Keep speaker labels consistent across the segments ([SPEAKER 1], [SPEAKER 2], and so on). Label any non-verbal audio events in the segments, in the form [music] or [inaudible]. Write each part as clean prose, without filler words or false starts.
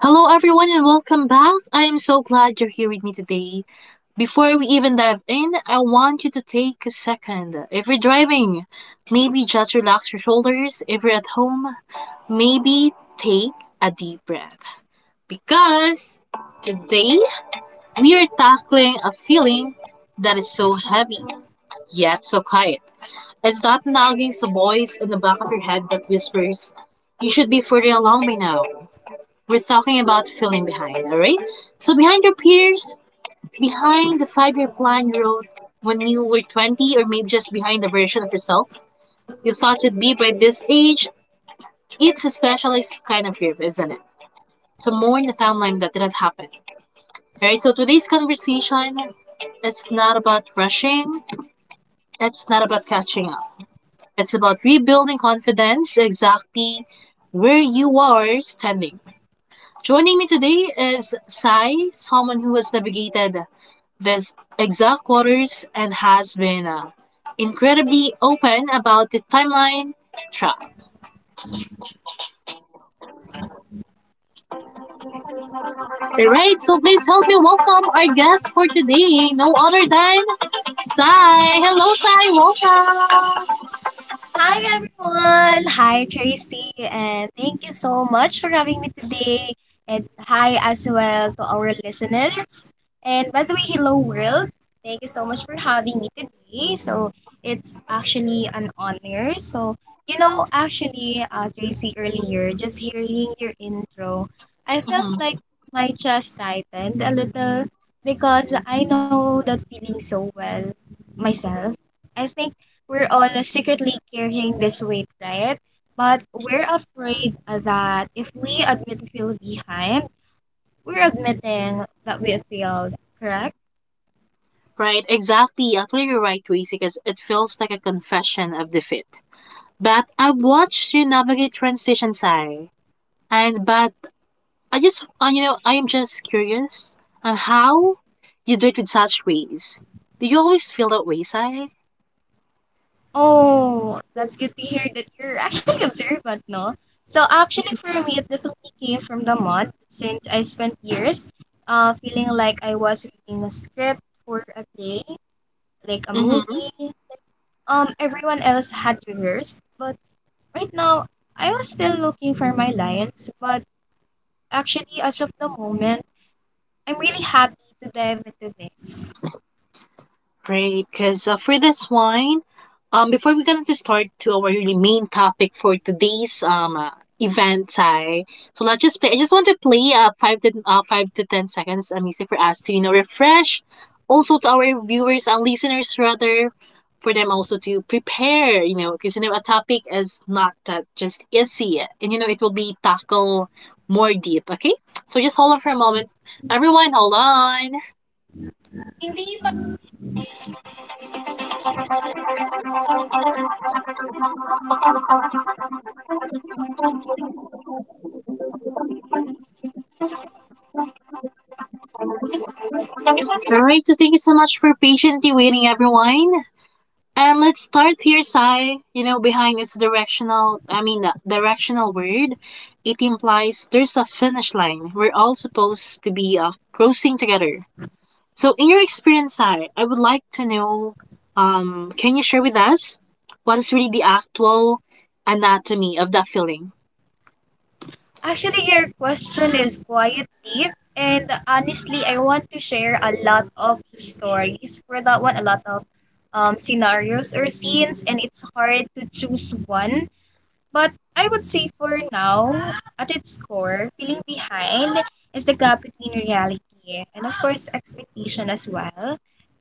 [SPEAKER 1] Hello, everyone, and welcome back. I am so glad you're here with me today. Before we even dive in, I want you to take a second. If you're driving, maybe just relax your shoulders. If you're at home, maybe take a deep breath. Because today we are tackling a feeling that is so heavy, yet so quiet. It's that nagging voice in the back of your head that whispers, "You should be further along by now." We're talking about feeling behind, all right? So behind your peers, behind the five-year plan you wrote when you were 20, or maybe just behind the version of yourself you thought you'd be by this age. It's a specialized kind of grief, isn't it? To mourn the timeline that didn't happen, all right? So today's conversation, it's not about rushing, it's not about catching up. It's about rebuilding confidence exactly where you are standing. Joining me today is Sai, someone who has navigated this exact waters and has been incredibly open about the timeline trap. Alright, so please help me welcome our guest for today, no other than Sai. Hello, Sai, welcome.
[SPEAKER 2] Hi everyone. Hi Tracy and thank you so much for having me today. And hi as well to our listeners. And by the way, hello world. Thank you so much for having me today. So it's actually an honor. So actually, Tracy earlier, just hearing your intro, I felt
[SPEAKER 1] Mhm.
[SPEAKER 2] like my chest tightened a little because I know that feeling so well myself. I think we're all secretly carrying this weight, right? But we're afraid that if we admit we feel behind, we're admitting that we have failed, correct?
[SPEAKER 1] Right, exactly. Actually, you're right, Tracy, because it feels like a confession of defeat. But I've watched you navigate transition, Sai. And but I just, you know, I am just curious how you do it with such ways. Do you always feel that way, Sai?
[SPEAKER 2] Oh, that's good to hear that you're [laughs] actually observant, no? So actually for me, it definitely came from the month since I spent years feeling like I was reading a script for a play, like a
[SPEAKER 1] Mm-hmm.
[SPEAKER 2] movie. Everyone else had rehearsed, but right now I was still looking for my lines, but actually, as of the moment, I'm really happy to dive into this.
[SPEAKER 1] Great, because for this one, before we're going to start to our really main topic for today's event, Ty. So let's just play. I just want to play 5 to 10 seconds of music for us to you know refresh, also to our viewers and listeners rather, for them also to prepare. You know, because you know a topic is not that just easy, and you know it will be tackle more deep. Okay, so just hold on for a moment, everyone. Hold on. Alright, so thank you so much for patiently waiting, everyone. And let's start here, Sai. You know, behind its directional, I mean, directional word, it implies there's a finish line. We're all supposed to be crossing together. So, in your experience, Sai, I would like to know can you share with us what is really the actual anatomy of that feeling?
[SPEAKER 2] Actually, your question is quite deep, and honestly, I want to share a lot of stories for that one, a lot of scenarios or scenes, and it's hard to choose one. But I would say for now, at its core, feeling behind is the gap between reality and, of course, expectation as well.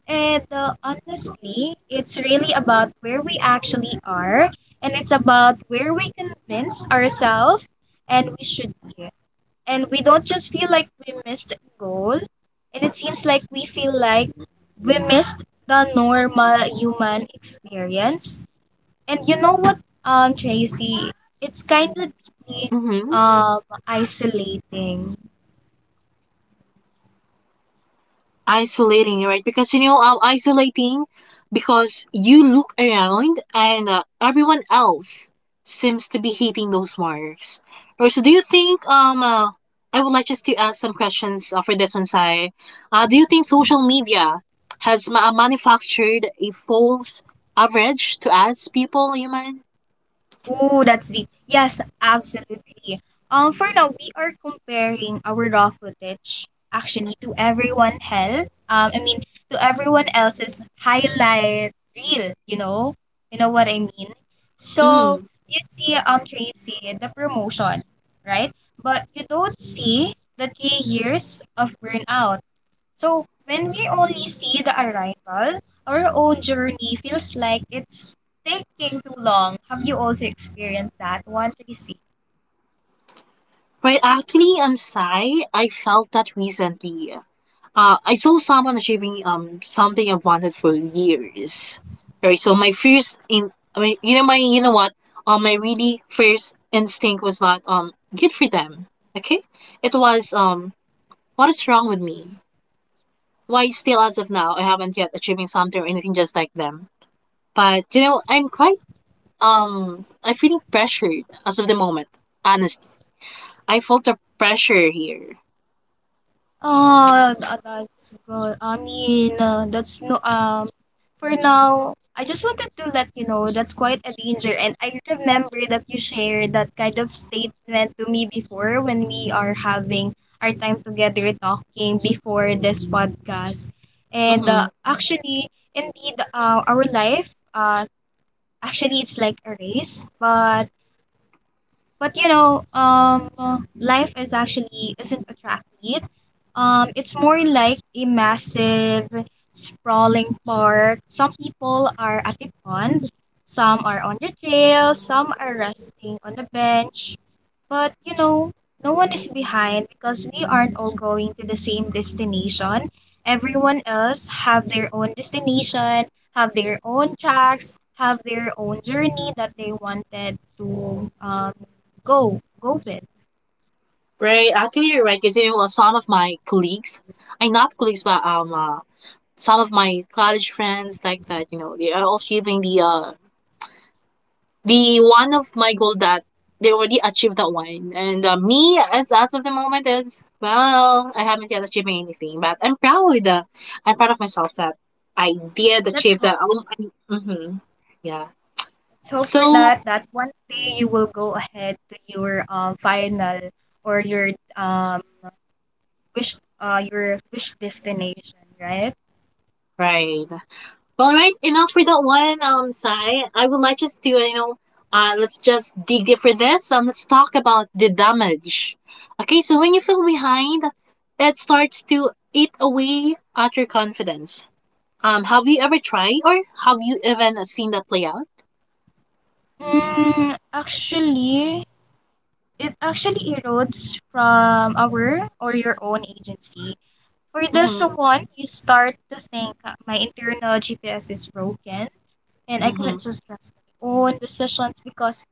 [SPEAKER 2] And honestly, it's really about where we actually are, and it's about where we convince ourselves and we should be. And we don't just feel like we missed a goal, and it seems like we feel like we missed the normal human experience. And you know what, Tracy, it's kind of really,
[SPEAKER 1] Mm-hmm.
[SPEAKER 2] um, isolating.
[SPEAKER 1] Isolating, right? Because you know, isolating because you look around and everyone else seems to be hitting those marks. Or so, do you think? I would like just to ask some questions for this one, Sai. Do you think social media has manufactured a false average to us people, human?
[SPEAKER 2] Oh, that's deep. Yes, absolutely. For now, we are comparing our raw footage actually to everyone else. I mean, to everyone else's highlight reel. You know what I mean. So
[SPEAKER 1] Mm.
[SPEAKER 2] you see, Tracy, the promotion, right? But you don't see the 3 years of burnout. So when we only see the arrival, our own journey feels like it's taking too long. Have you also experienced that one, Tracy?
[SPEAKER 1] Right, actually, Sai, I felt that recently. I saw someone achieving something I wanted for years. Right, so my first in I mean you know my you know what my really first instinct was not good for them. Okay, it was what is wrong with me? Why still as of now I haven't yet achieving something or anything just like them. But you know I'm feeling pressured as of the moment. Honestly, I felt the pressure here.
[SPEAKER 2] Oh, that's good. I mean, that's no for now, I just wanted to let you know that's quite a danger and I remember that you shared that kind of statement to me before when we are having our time together talking before this podcast. And
[SPEAKER 1] Mm-hmm.
[SPEAKER 2] actually, indeed, our life, actually it's like a race, but life is actually isn't a track meet. It's more like a massive, sprawling park. Some people are at the pond, some are on the trail, some are resting on the bench. But you know, no one is behind because we aren't all going to the same destination. Everyone else have their own destination, have their own tracks, have their own journey that they wanted to go, go, Ben.
[SPEAKER 1] Right. Actually, you're right. Because you know, some of my colleagues, I not colleagues, but some of my college friends like that. You know, they are all achieving the one of my goal that they already achieved that one, and me as of the moment is well, I haven't yet achieved anything, but I'm proud. I'm proud of myself that I did
[SPEAKER 2] Let's
[SPEAKER 1] achieve
[SPEAKER 2] hope
[SPEAKER 1] that.
[SPEAKER 2] for that.
[SPEAKER 1] Yeah.
[SPEAKER 2] Let's hope for
[SPEAKER 1] So
[SPEAKER 2] that that one day you will go ahead to your final or your um wish wish destination, right?
[SPEAKER 1] right. Well, All right, enough for that one, Sai. I would like just to, you know, let's just dig deep for this. Let's talk about the damage. Okay, so when you feel behind, it starts to eat away at your confidence. Have you ever tried, or have you even seen that play out?
[SPEAKER 2] Actually, it actually erodes from our or your own agency. For this
[SPEAKER 1] Mm-hmm,
[SPEAKER 2] one, you start to think my internal GPS is broken and I
[SPEAKER 1] mm-hmm,
[SPEAKER 2] cannot just trust my own decisions because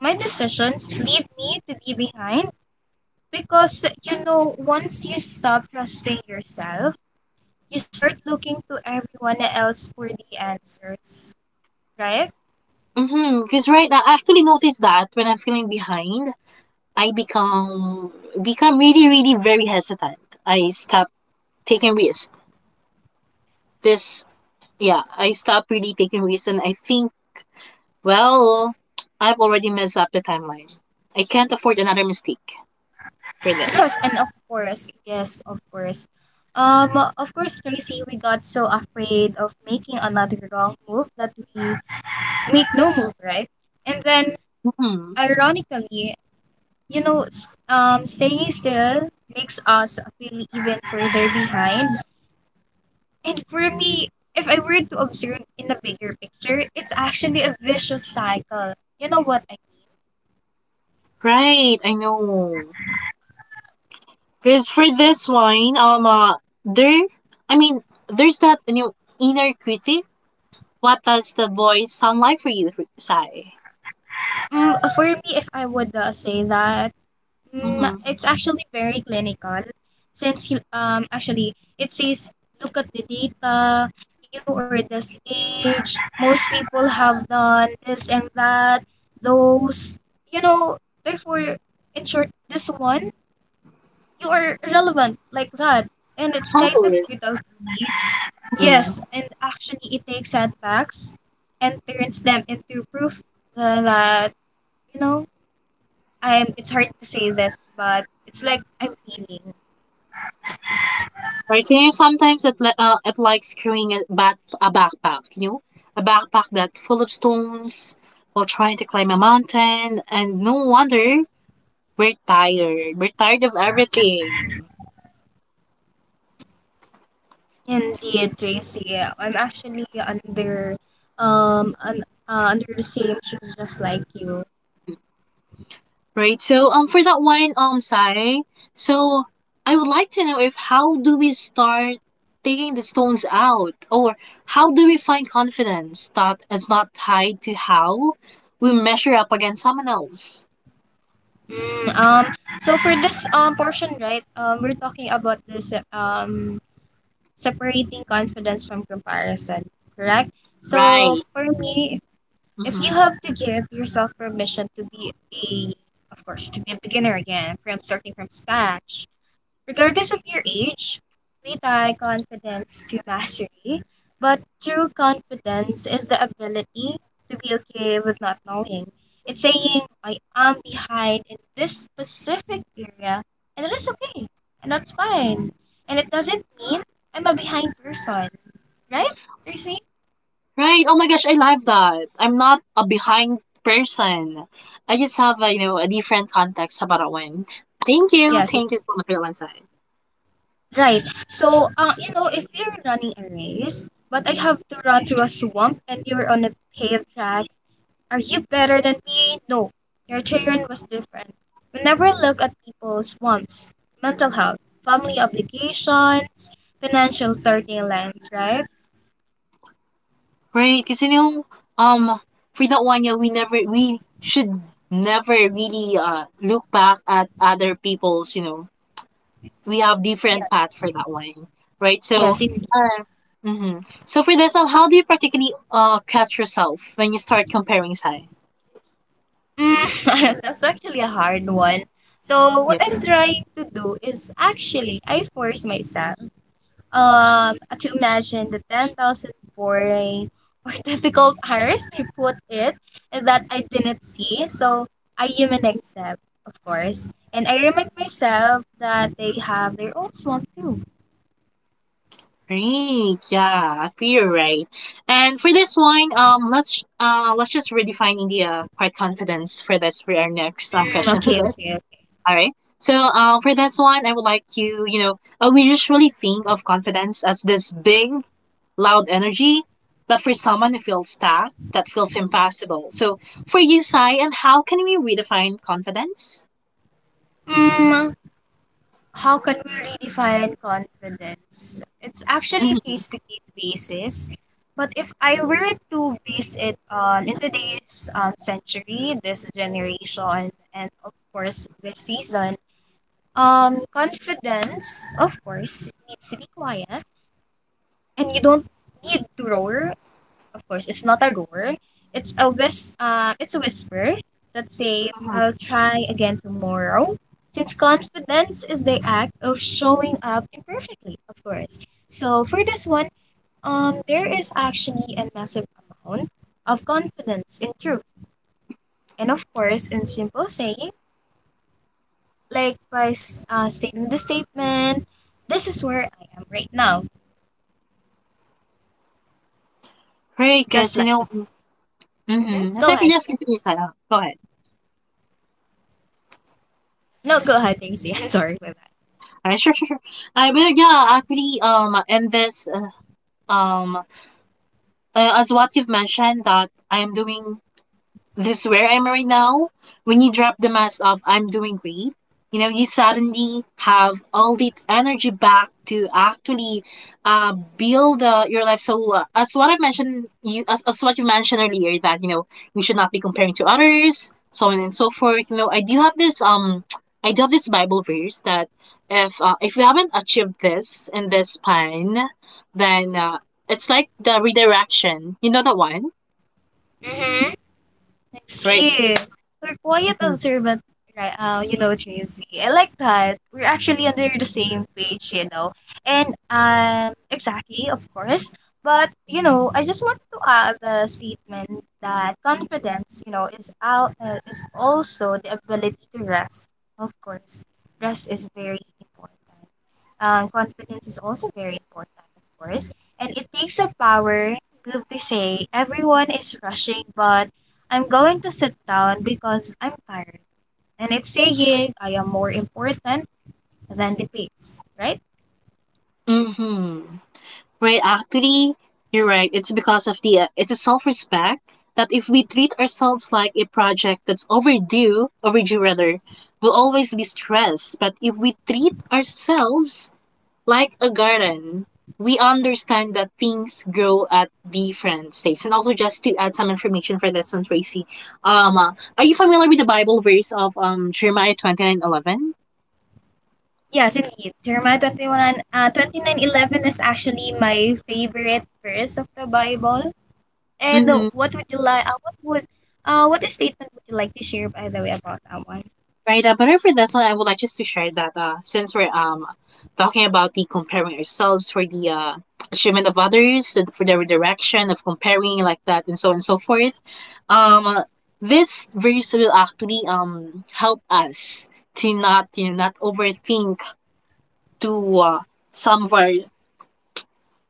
[SPEAKER 2] my decisions leave me to be behind. Because, you know, once you stop trusting yourself, you start looking to everyone else for the answers, right?
[SPEAKER 1] mm-hmm. Because right, I actually noticed that when I'm feeling behind, I become really, really very hesitant. I stop taking risks this yeah I stopped really taking risks and I think well I've already messed up the timeline I can't afford another mistake for this.
[SPEAKER 2] Yes, and of course, yes, of course. Um, of course, Tracy, we got so afraid of making another wrong move that we make no move, right? And then,
[SPEAKER 1] Hmm.
[SPEAKER 2] ironically, staying still makes us feel even further behind. And for me, if I were to observe in a bigger picture, it's actually a vicious cycle. You know what I mean?
[SPEAKER 1] Right, I know because for this one, there i mean there's that new inner critic. What does the voice sound like for you, Sai?
[SPEAKER 2] For me, if I would say that,
[SPEAKER 1] Mm-hmm.
[SPEAKER 2] it's actually very clinical. Since actually it says look at the data, you are this age, most people have done this and that, those, you know, therefore, in short, this one, you are relevant like that. And it's kind of brutal for me. Yes, and actually, it takes setbacks and turns them into proof, that you know I'm. It's hard to say this, but it's like I'm feeling.
[SPEAKER 1] Right? So you know, sometimes it it likes carrying a backpack, you know, a backpack that full of stones while trying to climb a mountain, and no wonder we're tired. We're tired of everything,
[SPEAKER 2] Indeed, JC, I'm actually um un, under the same shoes, just like you.
[SPEAKER 1] right? So for that one, Sai, so I would like to know if how do we start taking the stones out, or how do we find confidence that is not tied to how we measure up against someone else,
[SPEAKER 2] Mm, um. So for this portion, right? We're talking about this separating confidence from comparison, correct? So
[SPEAKER 1] right?
[SPEAKER 2] for me, if you
[SPEAKER 1] Mm-hmm.
[SPEAKER 2] have to give yourself permission to be a of course to be a beginner again from starting from scratch, regardless of your age, we tie confidence to mastery, but true confidence is the ability to be okay with not knowing. It's saying I am behind in this specific area, and it is okay, and that's fine, and it doesn't mean I'm a behind person, right, Tracy?
[SPEAKER 1] Right. Oh my gosh, I love that. I'm not a behind person. I just have a, you know, a different context about when. Thank you.
[SPEAKER 2] Yes.
[SPEAKER 1] Thank you so much for that insight.
[SPEAKER 2] Right. So, if you are running a race, but I have to run through a swamp and you're on a paved track, are you better than me? No. Your terrain was different. We never look at people's wants, mental health, family obligations, financial 30 lines, right?
[SPEAKER 1] Right, because you know, um, for that one, yeah, we should never really look back at other people's. You know, we have different path for that one, right? So,
[SPEAKER 2] Yes, indeed.
[SPEAKER 1] uh, mm-hmm. So for this, how do you particularly catch yourself when you start comparing size?
[SPEAKER 2] Mm, [laughs] that's actually a hard one. So, what I'm trying to do is actually, I force myself. um to imagine the 10,000 boring or [laughs] difficult hours they put it that I didn't see. So I humanize them, of course. And I remind myself that they have their own swamp too.
[SPEAKER 1] Great, yeah, clear, right? And for this one, let's just redefine the quiet confidence for this for our next
[SPEAKER 2] Mm,
[SPEAKER 1] question for
[SPEAKER 2] okay,
[SPEAKER 1] this.
[SPEAKER 2] okay.
[SPEAKER 1] All right. So, for this one, I would like you know, we usually think of confidence as this big, loud energy, but for someone who feels stuck, that feels impossible. So, for you, Sai, and how can we redefine confidence?
[SPEAKER 2] Mm, how can we redefine confidence? It's actually case to case basis. But if I were to base it on in today's century, this generation, and of course this season. Confidence, of course, it needs to be quiet, and you don't need to roar. Of course, it's not a roar. It's a whisper that says,
[SPEAKER 1] Mm-hmm.
[SPEAKER 2] "I'll try again tomorrow." Since confidence is the act of showing up imperfectly, of course. So for this one, there is actually a massive amount of confidence in truth, and of course, in simple saying. Like by stating the statement, this is where I am right now,
[SPEAKER 1] Great,
[SPEAKER 2] just
[SPEAKER 1] because you
[SPEAKER 2] like.
[SPEAKER 1] know,
[SPEAKER 2] Mhm.
[SPEAKER 1] mm-hmm. Let's
[SPEAKER 2] Go
[SPEAKER 1] actually
[SPEAKER 2] ahead.
[SPEAKER 1] just continue, Sai. Go ahead.
[SPEAKER 2] No, go ahead, Daisy. [laughs] I'm sorry for that.
[SPEAKER 1] Sure, sure, sure. I mean, yeah, actually, um, uh, as what you've mentioned that I am doing, this is where I'm right now. When you drop the mask of "I'm doing great," you know, you suddenly have all the energy back to actually build your life. So as what I mentioned, as what you mentioned earlier that you know we should not be comparing to others, so on and so forth. You know, I do have this Bible verse that if you haven't achieved this in this span, then it's like the redirection. You know that one,
[SPEAKER 2] hmm Next
[SPEAKER 1] right?
[SPEAKER 2] year, we're quiet
[SPEAKER 1] Mm-hmm.
[SPEAKER 2] observant, right? JZ. I like that. We're actually under the same page, you know. And exactly, of course. But I just wanted to add the statement that confidence, is also the ability to rest. Of course, rest is very important. Confidence is also very important, of course. And it takes a power move to say everyone is rushing, but I'm going to sit down because I'm tired. And it's saying I am more important than the pigs, right?
[SPEAKER 1] Mm-hmm. Right, actually, you're right. It's because of the it's a self-respect that if we treat ourselves like a project that's overdue, overdue rather, we'll always be stressed. But if we treat ourselves like a garden, we understand that things grow at different stages. And also, just to add some information for this one, Tracy, um, uh, are you familiar with the Bible verse of Jeremiah 29:11?
[SPEAKER 2] Yes, indeed. Jeremiah 29:11 is actually my favorite verse of the Bible. And
[SPEAKER 1] Mm-hmm.
[SPEAKER 2] what would you like? What statement would you like to share by the way about that one?
[SPEAKER 1] Right. But for this one, I would like just to share that since we're talking about the comparing ourselves for the achievement of others, and for the direction of comparing like that, and so on and so forth, um, uh, this verse will actually help us to not you know not overthink to some of our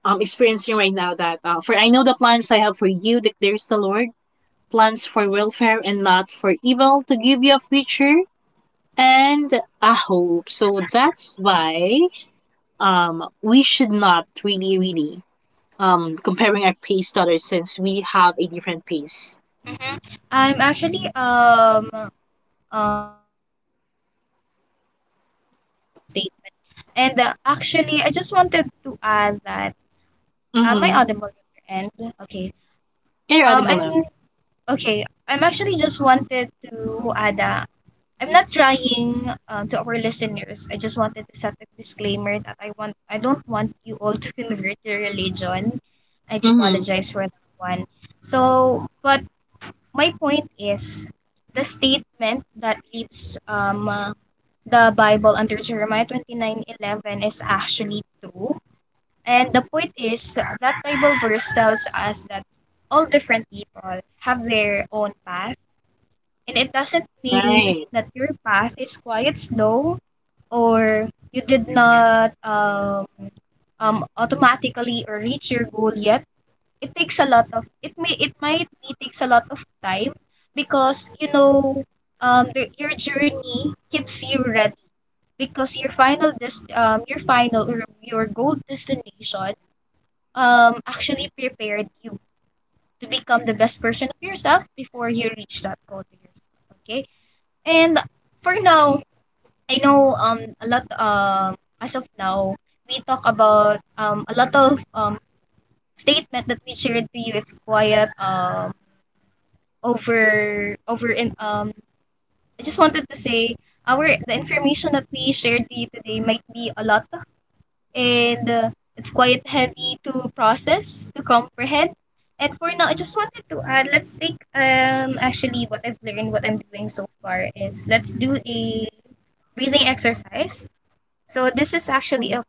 [SPEAKER 1] experiencing right now that for I know the plans I have for you, declares the Lord, plans for welfare and not for evil to give you a future and I hope so. That's why we should not really really comparing our pace to others since we have a different pace.
[SPEAKER 2] Mm-hmm. I'm actually um um I'm actually agree with your statement. And actually, I just wanted to add that. Am I
[SPEAKER 1] Mm-hmm.
[SPEAKER 2] audible on your end? Okay.
[SPEAKER 1] Yeah, you're audible now.
[SPEAKER 2] I'm okay. I'm actually just wanted to add a. I'm not trying to our listeners. I just wanted to set a disclaimer that I want. I don't want you all to [laughs] convert your religion. I do
[SPEAKER 1] Mm-hmm.
[SPEAKER 2] apologize for that one. So, but my point is the statement that leaves the Bible under Jeremiah 29:11 is actually true, and the point is that Bible verse tells us that all different people have their own path. And it doesn't mean
[SPEAKER 1] Right.
[SPEAKER 2] that your path is quite slow or you did not automatically or reach your goal yet. It takes a lot of it might be takes a lot of time because your journey keeps you ready because your final or your goal destination actually prepared you to become the best version of yourself before you reach that goal to yourself, okay. And for now, I know a lot, as of now, we talk about a lot of statement that we shared to you. It's quiet over over in I just wanted to say our the information that we shared to you today might be a lot. And it's quite heavy to process, to comprehend. And for now, I just wanted to add, let's take actually, what I'm doing so far is, let's do a breathing exercise. So this is actually
[SPEAKER 1] Mhm.
[SPEAKER 2] a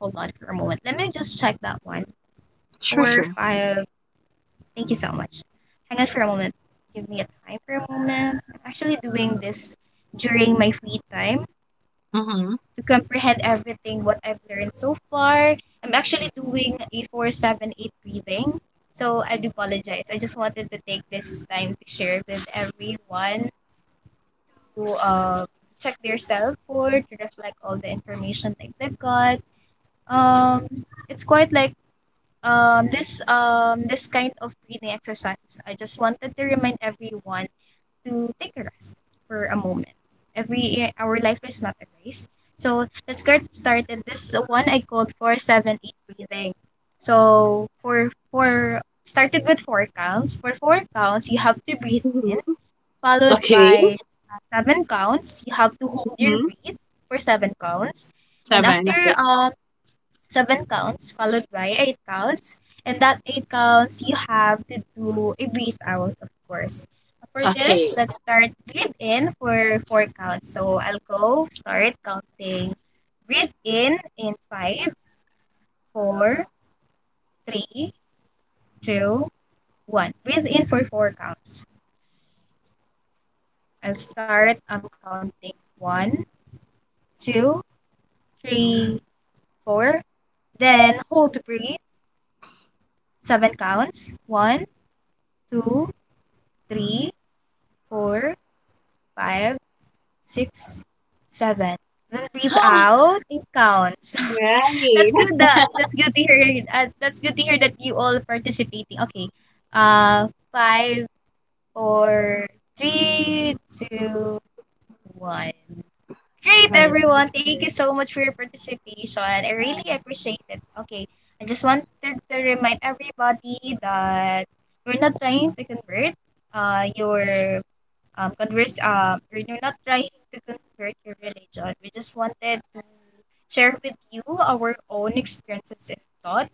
[SPEAKER 2] Hold on for a moment, let me just check that one.
[SPEAKER 1] Sure,
[SPEAKER 2] Four
[SPEAKER 1] sure.
[SPEAKER 2] five. Thank you so much. Hang on for a moment, give me a time for a moment. I'm actually doing this during my free time
[SPEAKER 1] Mm-hmm.
[SPEAKER 2] to comprehend everything what I've learned so far. I'm actually doing a 478 breathing. So I do apologize. I just wanted to take this time to share with everyone to check their self for to reflect all the information that they've got. Um, it's quite like this kind of breathing exercises. I just wanted to remind everyone to take a rest for a moment. Every our life is not a race. So let's get started. This is one I called 478 breathing. So for four, started with four counts. For four counts, you have to breathe in,
[SPEAKER 1] Hmm.
[SPEAKER 2] followed
[SPEAKER 1] Okay.
[SPEAKER 2] by seven counts. You have to hold your
[SPEAKER 1] Mm-hmm.
[SPEAKER 2] breath for seven counts, and
[SPEAKER 1] Seven.
[SPEAKER 2] after
[SPEAKER 1] Okay.
[SPEAKER 2] um seven counts followed by eight counts. And that eight counts, you have to do a breathe out, of course. For this,
[SPEAKER 1] Okay.
[SPEAKER 2] let's start breathe in for four counts. So I'll go start counting. Breathe in five, four, three, two, one. Breathe in for four counts. I'll start. I'm counting one, two, three, four. Then hold to breathe. Seven counts. One, two, three, four, 5 6, seven. Then breathe
[SPEAKER 1] [gasps]
[SPEAKER 2] out. It counts. [laughs] That's good.
[SPEAKER 1] Right.
[SPEAKER 2] That's good to hear. That's good to hear that you all participating. Okay. Five, four, three, two, one. Great,
[SPEAKER 1] All
[SPEAKER 2] everyone. Thank you so much for your participation. I really appreciate it. Okay. I just wanted to remind everybody that we're not trying to convert your we're not trying to convert your religion. We just wanted to share with you our own experiences and thought.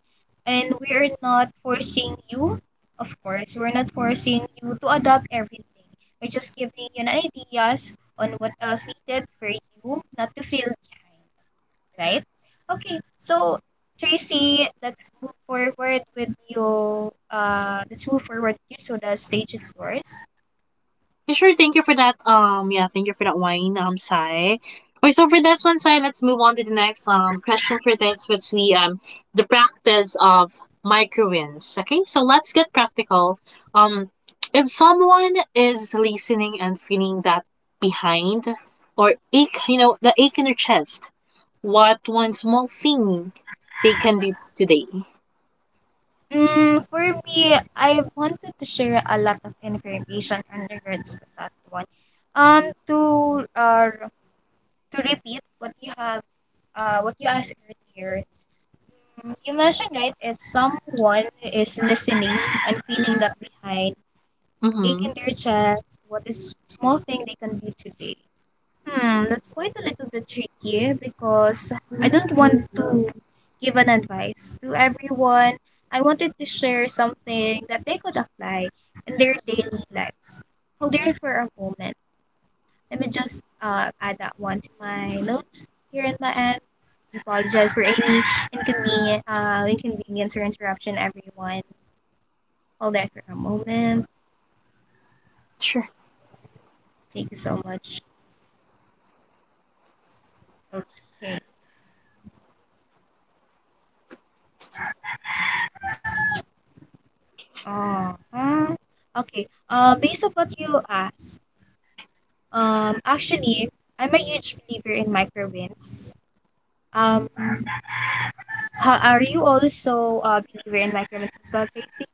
[SPEAKER 2] And we are not forcing you, of course, we're not forcing you to adopt everything. We're just giving you an ideas on what else needed for you not to feel behind, right? Okay, so Tracy, let's move forward with you. Let's move forward with you. So the stage is yours.
[SPEAKER 1] yeah, sure, thank you for that. Yeah, thank you for that wine, Sai. Okay, so for this one, Sai, let's move on to the next question for this, which we the practice of micro wins. Okay, so let's get practical. Um, if someone is listening and feeling that behind or ache, you know, the ache in their chest, what one small thing they can do today?
[SPEAKER 2] Hmm, for me, I wanted to share a lot of information in regards to that one. Um, to uh, to repeat what you have, what you asked earlier. Mm, you mentioned right, if someone is listening and feeling that behind, they
[SPEAKER 1] Mm-hmm.
[SPEAKER 2] can their chest. What is small thing they can do today? Hmm, that's quite a little bit tricky because I don't want to give an advice to everyone. I wanted to share something that they could apply in their daily lives. Hold there for a moment. Let me just add that one to my notes here in my end. Apologize for any inconvenience or interruption, everyone. Hold that for a moment.
[SPEAKER 1] Sure.
[SPEAKER 2] Thank you so much. Okay. Uh-huh. Okay. Based on what you asked, actually, I'm a huge believer in micro microwinds. How, are you also a believer in micro microwinds as well, Tracy?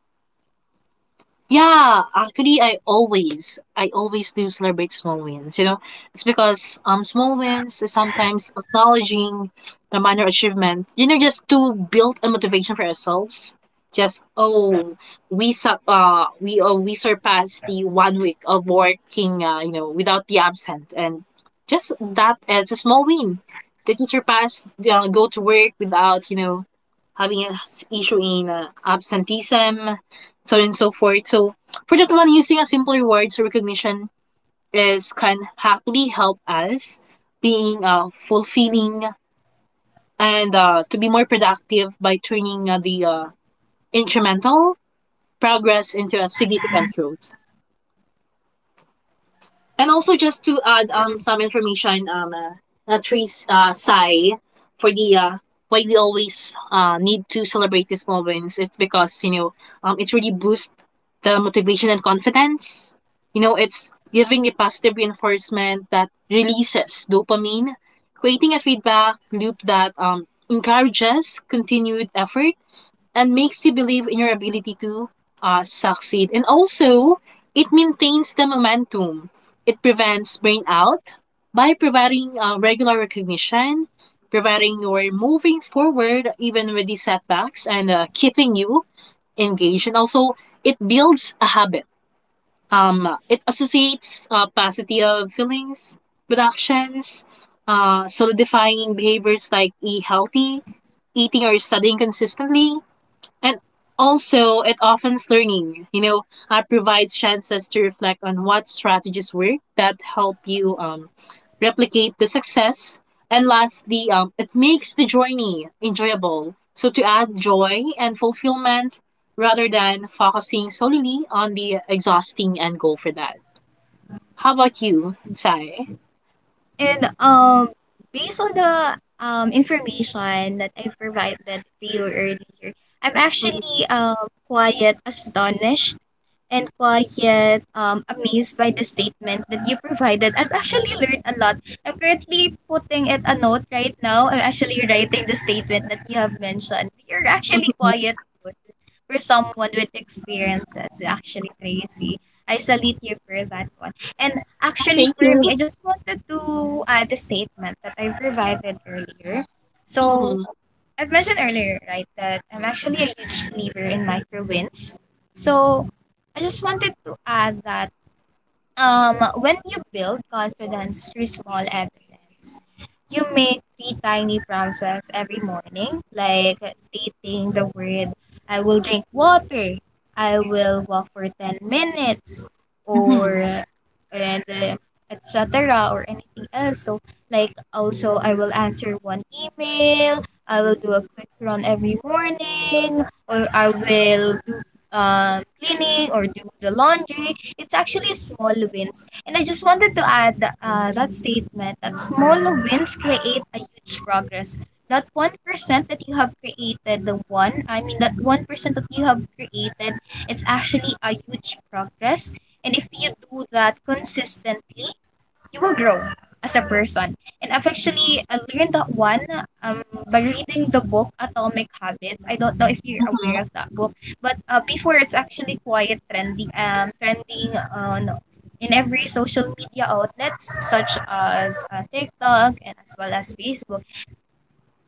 [SPEAKER 1] Yeah, actually, I always do celebrate small wins. You know, it's because small wins is sometimes acknowledging the minor achievement. You know, just to build a motivation for ourselves. Just oh, we sub, we surpassed the 1 week of working, you know, without the absent, and just that as a small win. Did you surpass? Go to work without, you know, having an issue in absenteeism so on and so forth. So for that one, using a simple rewards recognition is can actually help us being fulfilling and to be more productive by turning the incremental progress into a significant growth. And also just to add some information Trace Sai, for the why we always need to celebrate these moments. It's because it really boosts the motivation and confidence. You know, it's giving a positive reinforcement that releases dopamine, creating a feedback loop that encourages continued effort and makes you believe in your ability to succeed. And also, it maintains the momentum. It prevents burnout by providing regular recognition, providing you're moving forward even with the setbacks, and keeping you engaged. And also, it builds a habit. It associates positive feelings with actions, solidifying behaviors like eat healthy, eating or studying consistently, and also, it offers learning, you know, provides chances to reflect on what strategies work that help you replicate the success. And lastly, it makes the journey enjoyable. So, to add joy and fulfillment rather than focusing solely on the exhausting end goal for that. How about you, Sai?
[SPEAKER 2] And based on the information that I provided to you earlier, I'm actually um quite astonished and quiet, amazed by the statement that you provided. I've actually learned a lot. I'm currently putting it a note right now. I'm actually writing the statement that you have mentioned. You're
[SPEAKER 1] [laughs]
[SPEAKER 2] actually quiet good for someone with experiences, actually, Tracy. I salute you for that one. And actually,
[SPEAKER 1] Thank
[SPEAKER 2] for me,
[SPEAKER 1] you.
[SPEAKER 2] I just wanted to add the statement that I provided earlier. So,
[SPEAKER 1] Mhm.
[SPEAKER 2] I've mentioned earlier, right, that I'm actually a huge believer in micro wins. So I just wanted to add that when you build confidence through small evidence, you make three tiny promises every morning, like stating the word, I will drink water, I will walk for 10 minutes,
[SPEAKER 1] Mhm.
[SPEAKER 2] or and etc. or anything else. So, like, also, I will answer one email, I will do a quick run every morning, or I will do cleaning or do the laundry. It's actually small wins. And I just wanted to add that statement that small wins create a huge progress. That 1% that you have created, the one, I mean, that 1% that you have created, it's actually a huge progress. And if you do that consistently, you will grow as a person. And I've actually learned that one um, by reading the book Atomic Habits. I don't know if you're
[SPEAKER 1] Mhm.
[SPEAKER 2] aware of that book, but before it's actually quite trending, trending on in every social media outlets such as TikTok and as well as Facebook.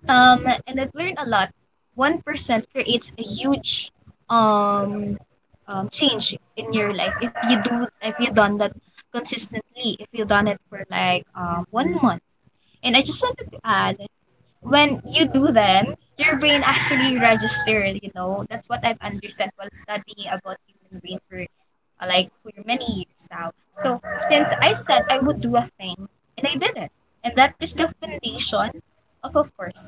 [SPEAKER 2] And I've learned a lot. 1% creates a huge um, change in your life if you done that consistently. If you done it for like one month. And I just wanted to add when you do them, your brain actually registered, you know. That's what I've understood while studying about human brain for like for many years now. So since I said I would do a thing and I did it. And that is the foundation of course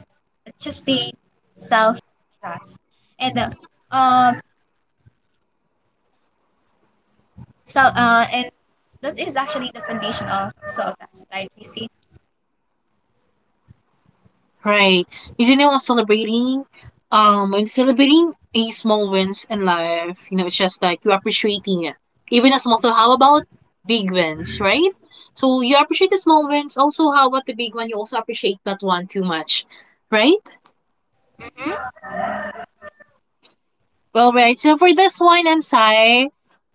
[SPEAKER 2] just the self trust. And um so uh and that is actually the foundation of self trust, right? We see?
[SPEAKER 1] Right. Usually when celebrating a small wins in life, you know, it's just like you appreciating it. Even a small, so how about big wins, right? So you appreciate the small wins. Also, how about the big one? You also appreciate that one too much, right?
[SPEAKER 2] Mhm.
[SPEAKER 1] Well, right. So for this one, I'm Sai.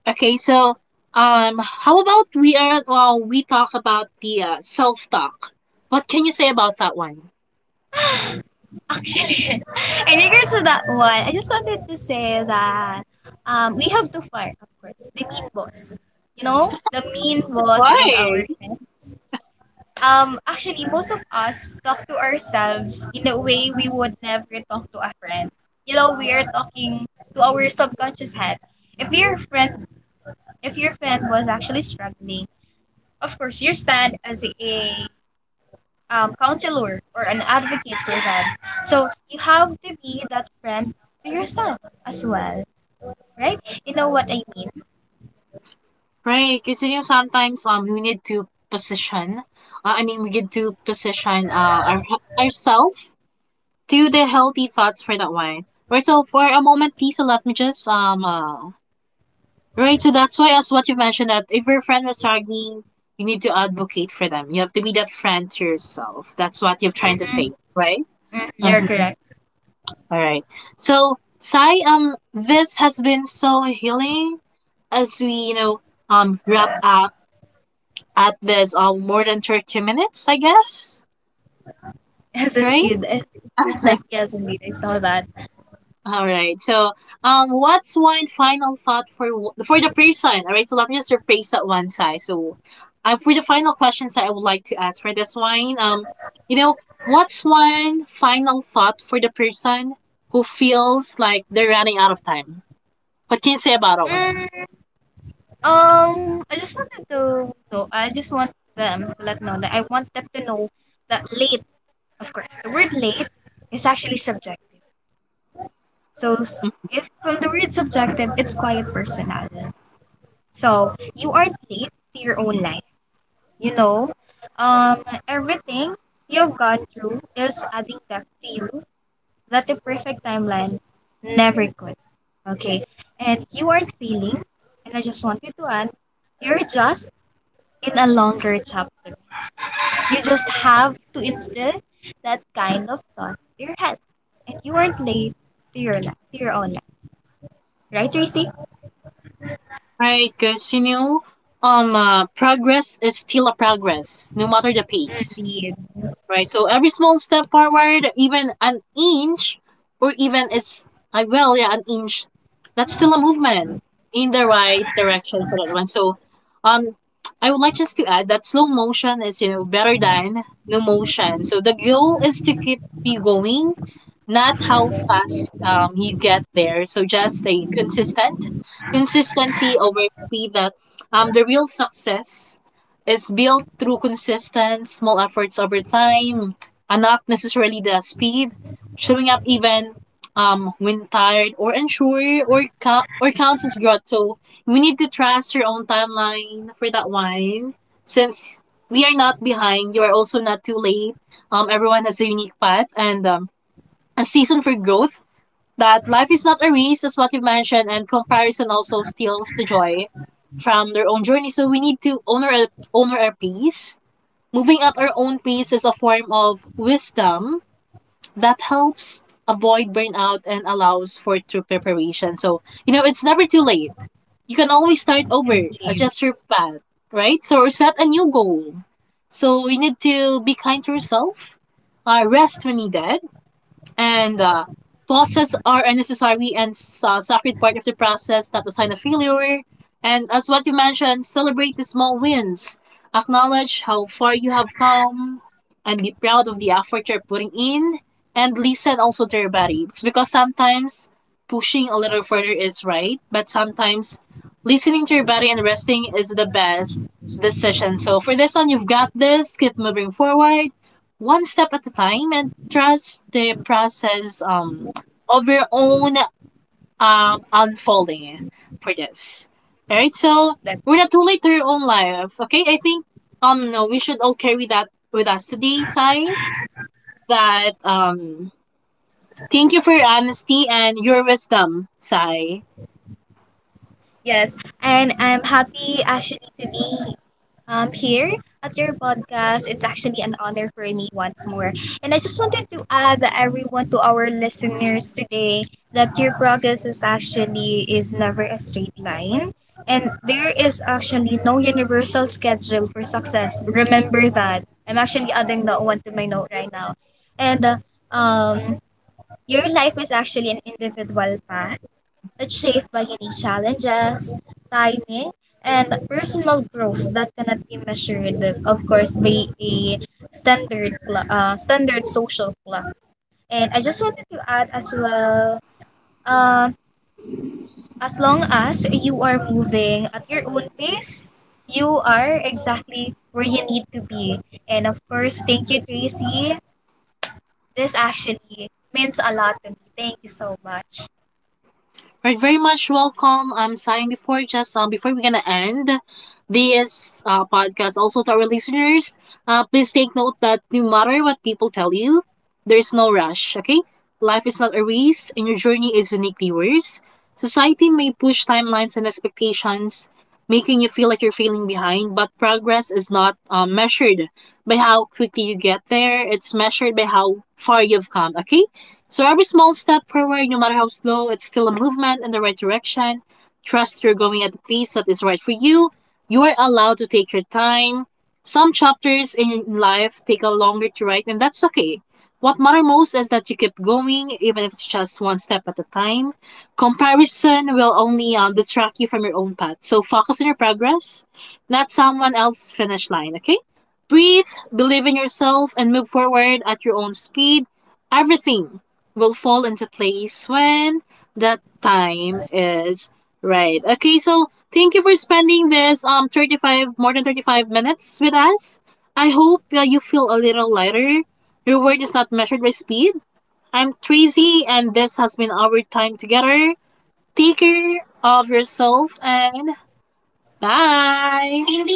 [SPEAKER 1] Okay, so how about we are well, we talk about the self talk. What can you say about that one?
[SPEAKER 2] Actually, [laughs] in regards to that one, I just wanted to say that we have to fire, of course, the mean boss. You know, the mean boss in our
[SPEAKER 1] Why?
[SPEAKER 2] heads. Actually, most of us talk to ourselves in a way we would never talk to a friend. You know, we are talking to our subconscious head. If your friend, if your friend was actually struggling, of course, your stand as a counselor or an advocate for that. So you have to be that friend to yourself as well, right? You know what I mean?
[SPEAKER 1] Right, kasi yung sometimes we need to position, I mean we get to position our ourselves to the healthy thoughts for that one. Right, so for a moment, please let me just right. So that's why, as what you mentioned, that if your friend was struggling, you need to advocate for them. You have to be that friend to yourself. That's what you're trying to
[SPEAKER 2] Mm-hmm.
[SPEAKER 1] say, right?
[SPEAKER 2] Mm, you're
[SPEAKER 1] Mm-hmm.
[SPEAKER 2] correct. [laughs]
[SPEAKER 1] All right. So Sai, this has been so healing as we, you know, wrap up at this more than 30 minutes, I guess.
[SPEAKER 2] Yes,
[SPEAKER 1] Right?
[SPEAKER 2] indeed. And he was
[SPEAKER 1] [laughs]
[SPEAKER 2] like, yes, indeed. I saw that.
[SPEAKER 1] All right. So, what's one final thought for for the person? All right. So let me just rephrase that one, side. So, for the final questions that I would like to ask for this one, you know, what's one final thought for the person who feels like they're running out of time? What can you say about that one?
[SPEAKER 2] Mm, I just wanted to know. I want them to know that late, of course, the word late is actually subjective. So s- if from the word subjective, it's quiet personal. So you aren't late to your own life. You know, um, everything you've gone through is adding depth to you that the perfect timeline never could. Okay, and you aren't failing, and I just want you to add, you're just in a longer chapter. You just have to instill that kind of thought to your head, and you aren't late to your life, to your own life, right, Tracy?
[SPEAKER 1] Right, because you know, progress is still a progress, no matter the pace.
[SPEAKER 2] Indeed,
[SPEAKER 1] Right. So every small step forward, even an inch, or even it's, I, well, yeah, an inch, that's still a movement in the right direction for that one. So, um, I would like just to add that slow motion is, you know, better than no motion. So the goal is to keep you going, not how fast you get there. So just stay consistent. Consistency over speed, that the real success is built through consistent small efforts over time and not necessarily the speed. Showing up even when tired or unsure, or counts as growth. So we need to trust your own timeline for that one. Since we are not behind, you are also not too late. Everyone has a unique path and a season for growth, that life is not a race, as what you mentioned, and comparison also steals the joy from their own journey. So we need to honor our pace. Moving at our own pace is a form of wisdom that helps avoid burnout and allows for true preparation. So, you know, it's never too late. You can always start over,
[SPEAKER 2] indeed.
[SPEAKER 1] adjust your path, right? So set a new goal. So we need to be kind to yourself, rest when needed, and pauses are a necessary and sacred part of the process, not a sign of failure. And as what you mentioned, celebrate the small wins. Acknowledge how far you have come and be proud of the effort you're putting in. And listen also to your body. It's because sometimes pushing a little further is right, but sometimes listening to your body and resting is the best decision. So for this one, you've got this. Keep moving forward one step at a time and trust the process of your own unfolding for this. Alright, so we're not too late to your own life. Okay, I think no, we should all carry that with us today, Sai. That thank you for your honesty and your wisdom, Sai.
[SPEAKER 2] Yes, and I'm happy actually to be here at your podcast. It's actually an honor for me once more. And I just wanted to add everyone to our listeners today that your progress is actually is never a straight line. And there is actually no universal schedule for success. Remember that. I'm actually adding that one to my note right now. And um, your life is actually an individual path it's shaped by unique challenges, timing, and personal growth that cannot be measured, of course, by a standard social clock. And I just wanted to add as well, um, as long as you are moving at your own pace, you are exactly where you need to be. And of course, thank you, Tracy. This actually means a lot to me. Thank you so much.
[SPEAKER 1] Are very much welcome. I'm saying before just before we're gonna end this podcast, also to our listeners, please take note that no matter what people tell you, there's no rush. Okay, life is not a race, and your journey is uniquely yours. Society may push timelines and expectations, making you feel like you're failing behind, but progress is not measured by how quickly you get there. It's measured by how far you've come. Okay. So every small step forward, no matter how slow, it's still a movement in the right direction. Trust you're going at the pace that is right for you. You are allowed to take your time. Some chapters in life take a longer to write, and that's okay. What matters most is that you keep going, even if it's just one step at a time. Comparison will only distract you from your own path. So focus on your progress, not someone else's finish line, okay? Breathe, believe in yourself, and move forward at your own speed. Everything will fall into place when that time is right. Okay, so thank you for spending this 35 more than 35 minutes with us. I hope you feel a little lighter. Your word is not measured by speed. I'm Tracy and this has been our time together. Take care of yourself and bye.